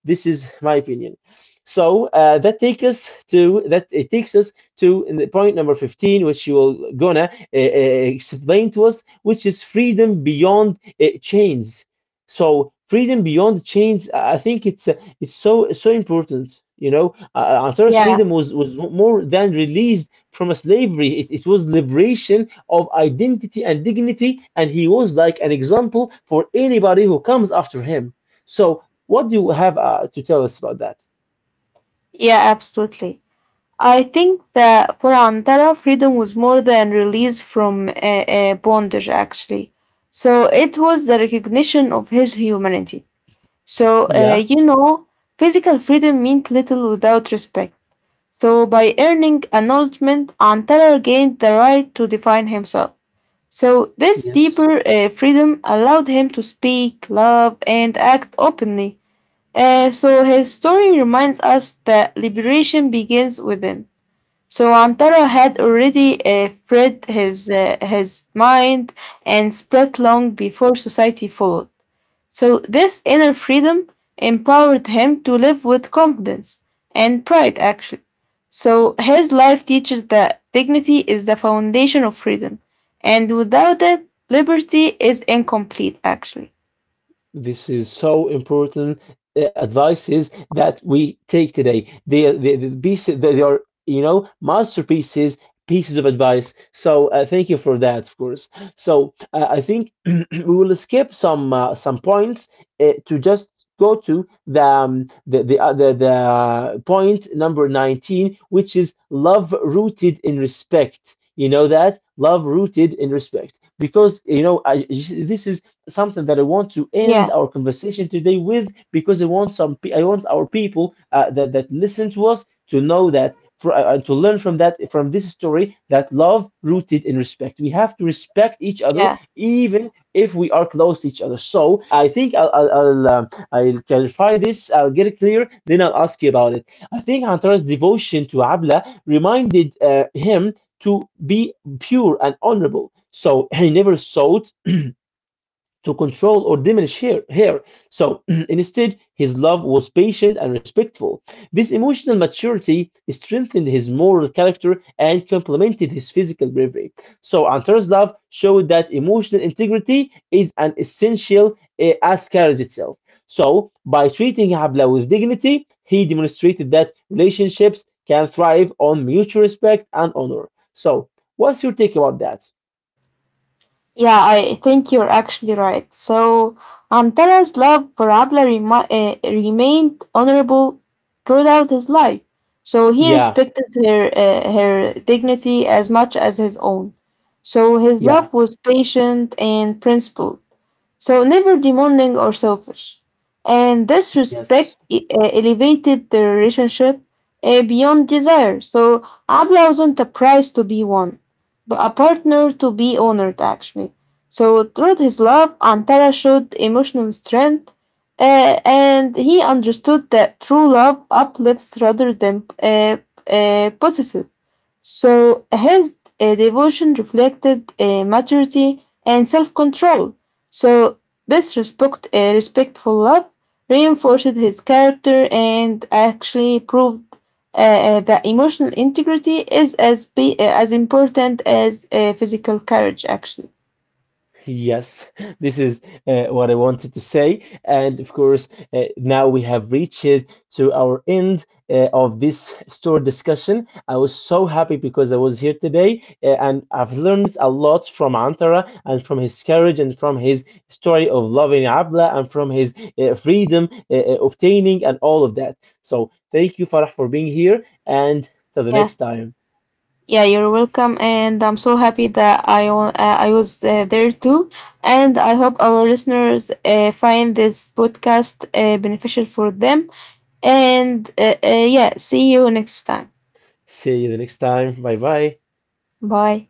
[SPEAKER 1] This is my opinion. So uh, that takes us to that it takes us to in the point number fifteen, which you will gonna uh, uh, explain to us, which is freedom beyond uh, chains. So freedom beyond chains, I I think it's uh, it's so so important. You know, uh, Antares
[SPEAKER 2] Yeah,
[SPEAKER 1] freedom was was more than released from a slavery. It, it was liberation of identity and dignity, and he was like an example for anybody who comes after him. So what do you have uh, to tell us about that?
[SPEAKER 2] yeah, absolutely. I think that for Antara, freedom was more than release from uh, uh, bondage, actually. So it was the recognition of his humanity. So,
[SPEAKER 1] Yeah.
[SPEAKER 2] uh, you know, physical freedom meant little without respect. So, by earning acknowledgement, Antara gained the right to define himself. So this
[SPEAKER 1] Yes.
[SPEAKER 2] deeper uh, freedom allowed him to speak, love, and act openly. Uh, so, his story reminds us that liberation begins within. So Antara had already uh, spread his, uh, his mind and spread long before society followed. So this inner freedom empowered him to live with confidence and pride, actually. So his life teaches that dignity is the foundation of freedom, and without it, liberty is incomplete, actually.
[SPEAKER 1] This is so important uh, advices that we take today. They, they, the pieces, they are, you know, masterpieces, pieces of advice. So uh, thank you for that, of course. So uh, I think (clears throat) we will skip some uh, some points uh, to just go to the um, the the, uh, the the point number nineteen, which is love rooted in respect. You know that love rooted in respect, because you know, I, this is something that I want to end
[SPEAKER 2] Yeah,
[SPEAKER 1] our conversation today with, because I want some pe- I want our people uh, that that listen to us to know that for, uh, to learn from that from this story that love rooted in respect. We have to respect each other,
[SPEAKER 2] yeah.
[SPEAKER 1] even if we are close to each other. So I think I'll I'll, I'll, um, I'll clarify this. I'll get it clear. Then I'll ask you about it. I think Antara's devotion to Abla reminded uh, him to be pure and honorable. So he never sought to control or diminish her. Her. So (clears throat) instead, his love was patient and respectful. This emotional maturity strengthened his moral character and complemented his physical bravery. So Antar's love showed that emotional integrity is an essential uh, as courage itself. So by treating Habla with dignity, he demonstrated that relationships can thrive on mutual respect and honor. So what's your take about that?
[SPEAKER 2] Yeah, I think you're actually right. So Antara's love for Abla remi- uh, remained honorable throughout his life. So he
[SPEAKER 1] Yeah,
[SPEAKER 2] respected her uh, her dignity as much as his own. So his
[SPEAKER 1] yeah,
[SPEAKER 2] love was patient and principled, so never demanding or selfish. And this
[SPEAKER 1] yes.
[SPEAKER 2] respect e- uh, elevated the relationship uh, beyond desire. So Abla wasn't a prize to be won, but a partner to be honored, actually. So through his love, Antara showed emotional strength, uh, and he understood that true love uplifts rather than uh, uh, possesses. So his uh, devotion reflected uh, maturity and self-control. So this respect, uh, respectful love reinforced his character and actually proved uh, uh, that emotional integrity is as be, uh, as important as uh, physical courage, actually.
[SPEAKER 1] Yes, (laughs) this is uh, what I wanted to say. And of course, uh, now we have reached to our end uh, of this store discussion. I was so happy because I was here today uh, and I've learned a lot from Antara and from his courage and from his story of loving Abla and from his uh, freedom uh, uh, obtaining and all of that. So thank you, Farah, for being here. And till the
[SPEAKER 2] Yeah,
[SPEAKER 1] next time.
[SPEAKER 2] yeah, you're welcome, and I'm so happy that I wa- uh, I was uh, there too, and I hope our listeners uh, find this podcast uh, beneficial for them. And uh, uh, yeah, see you next time.
[SPEAKER 1] See you the next time. Bye bye.
[SPEAKER 2] Bye.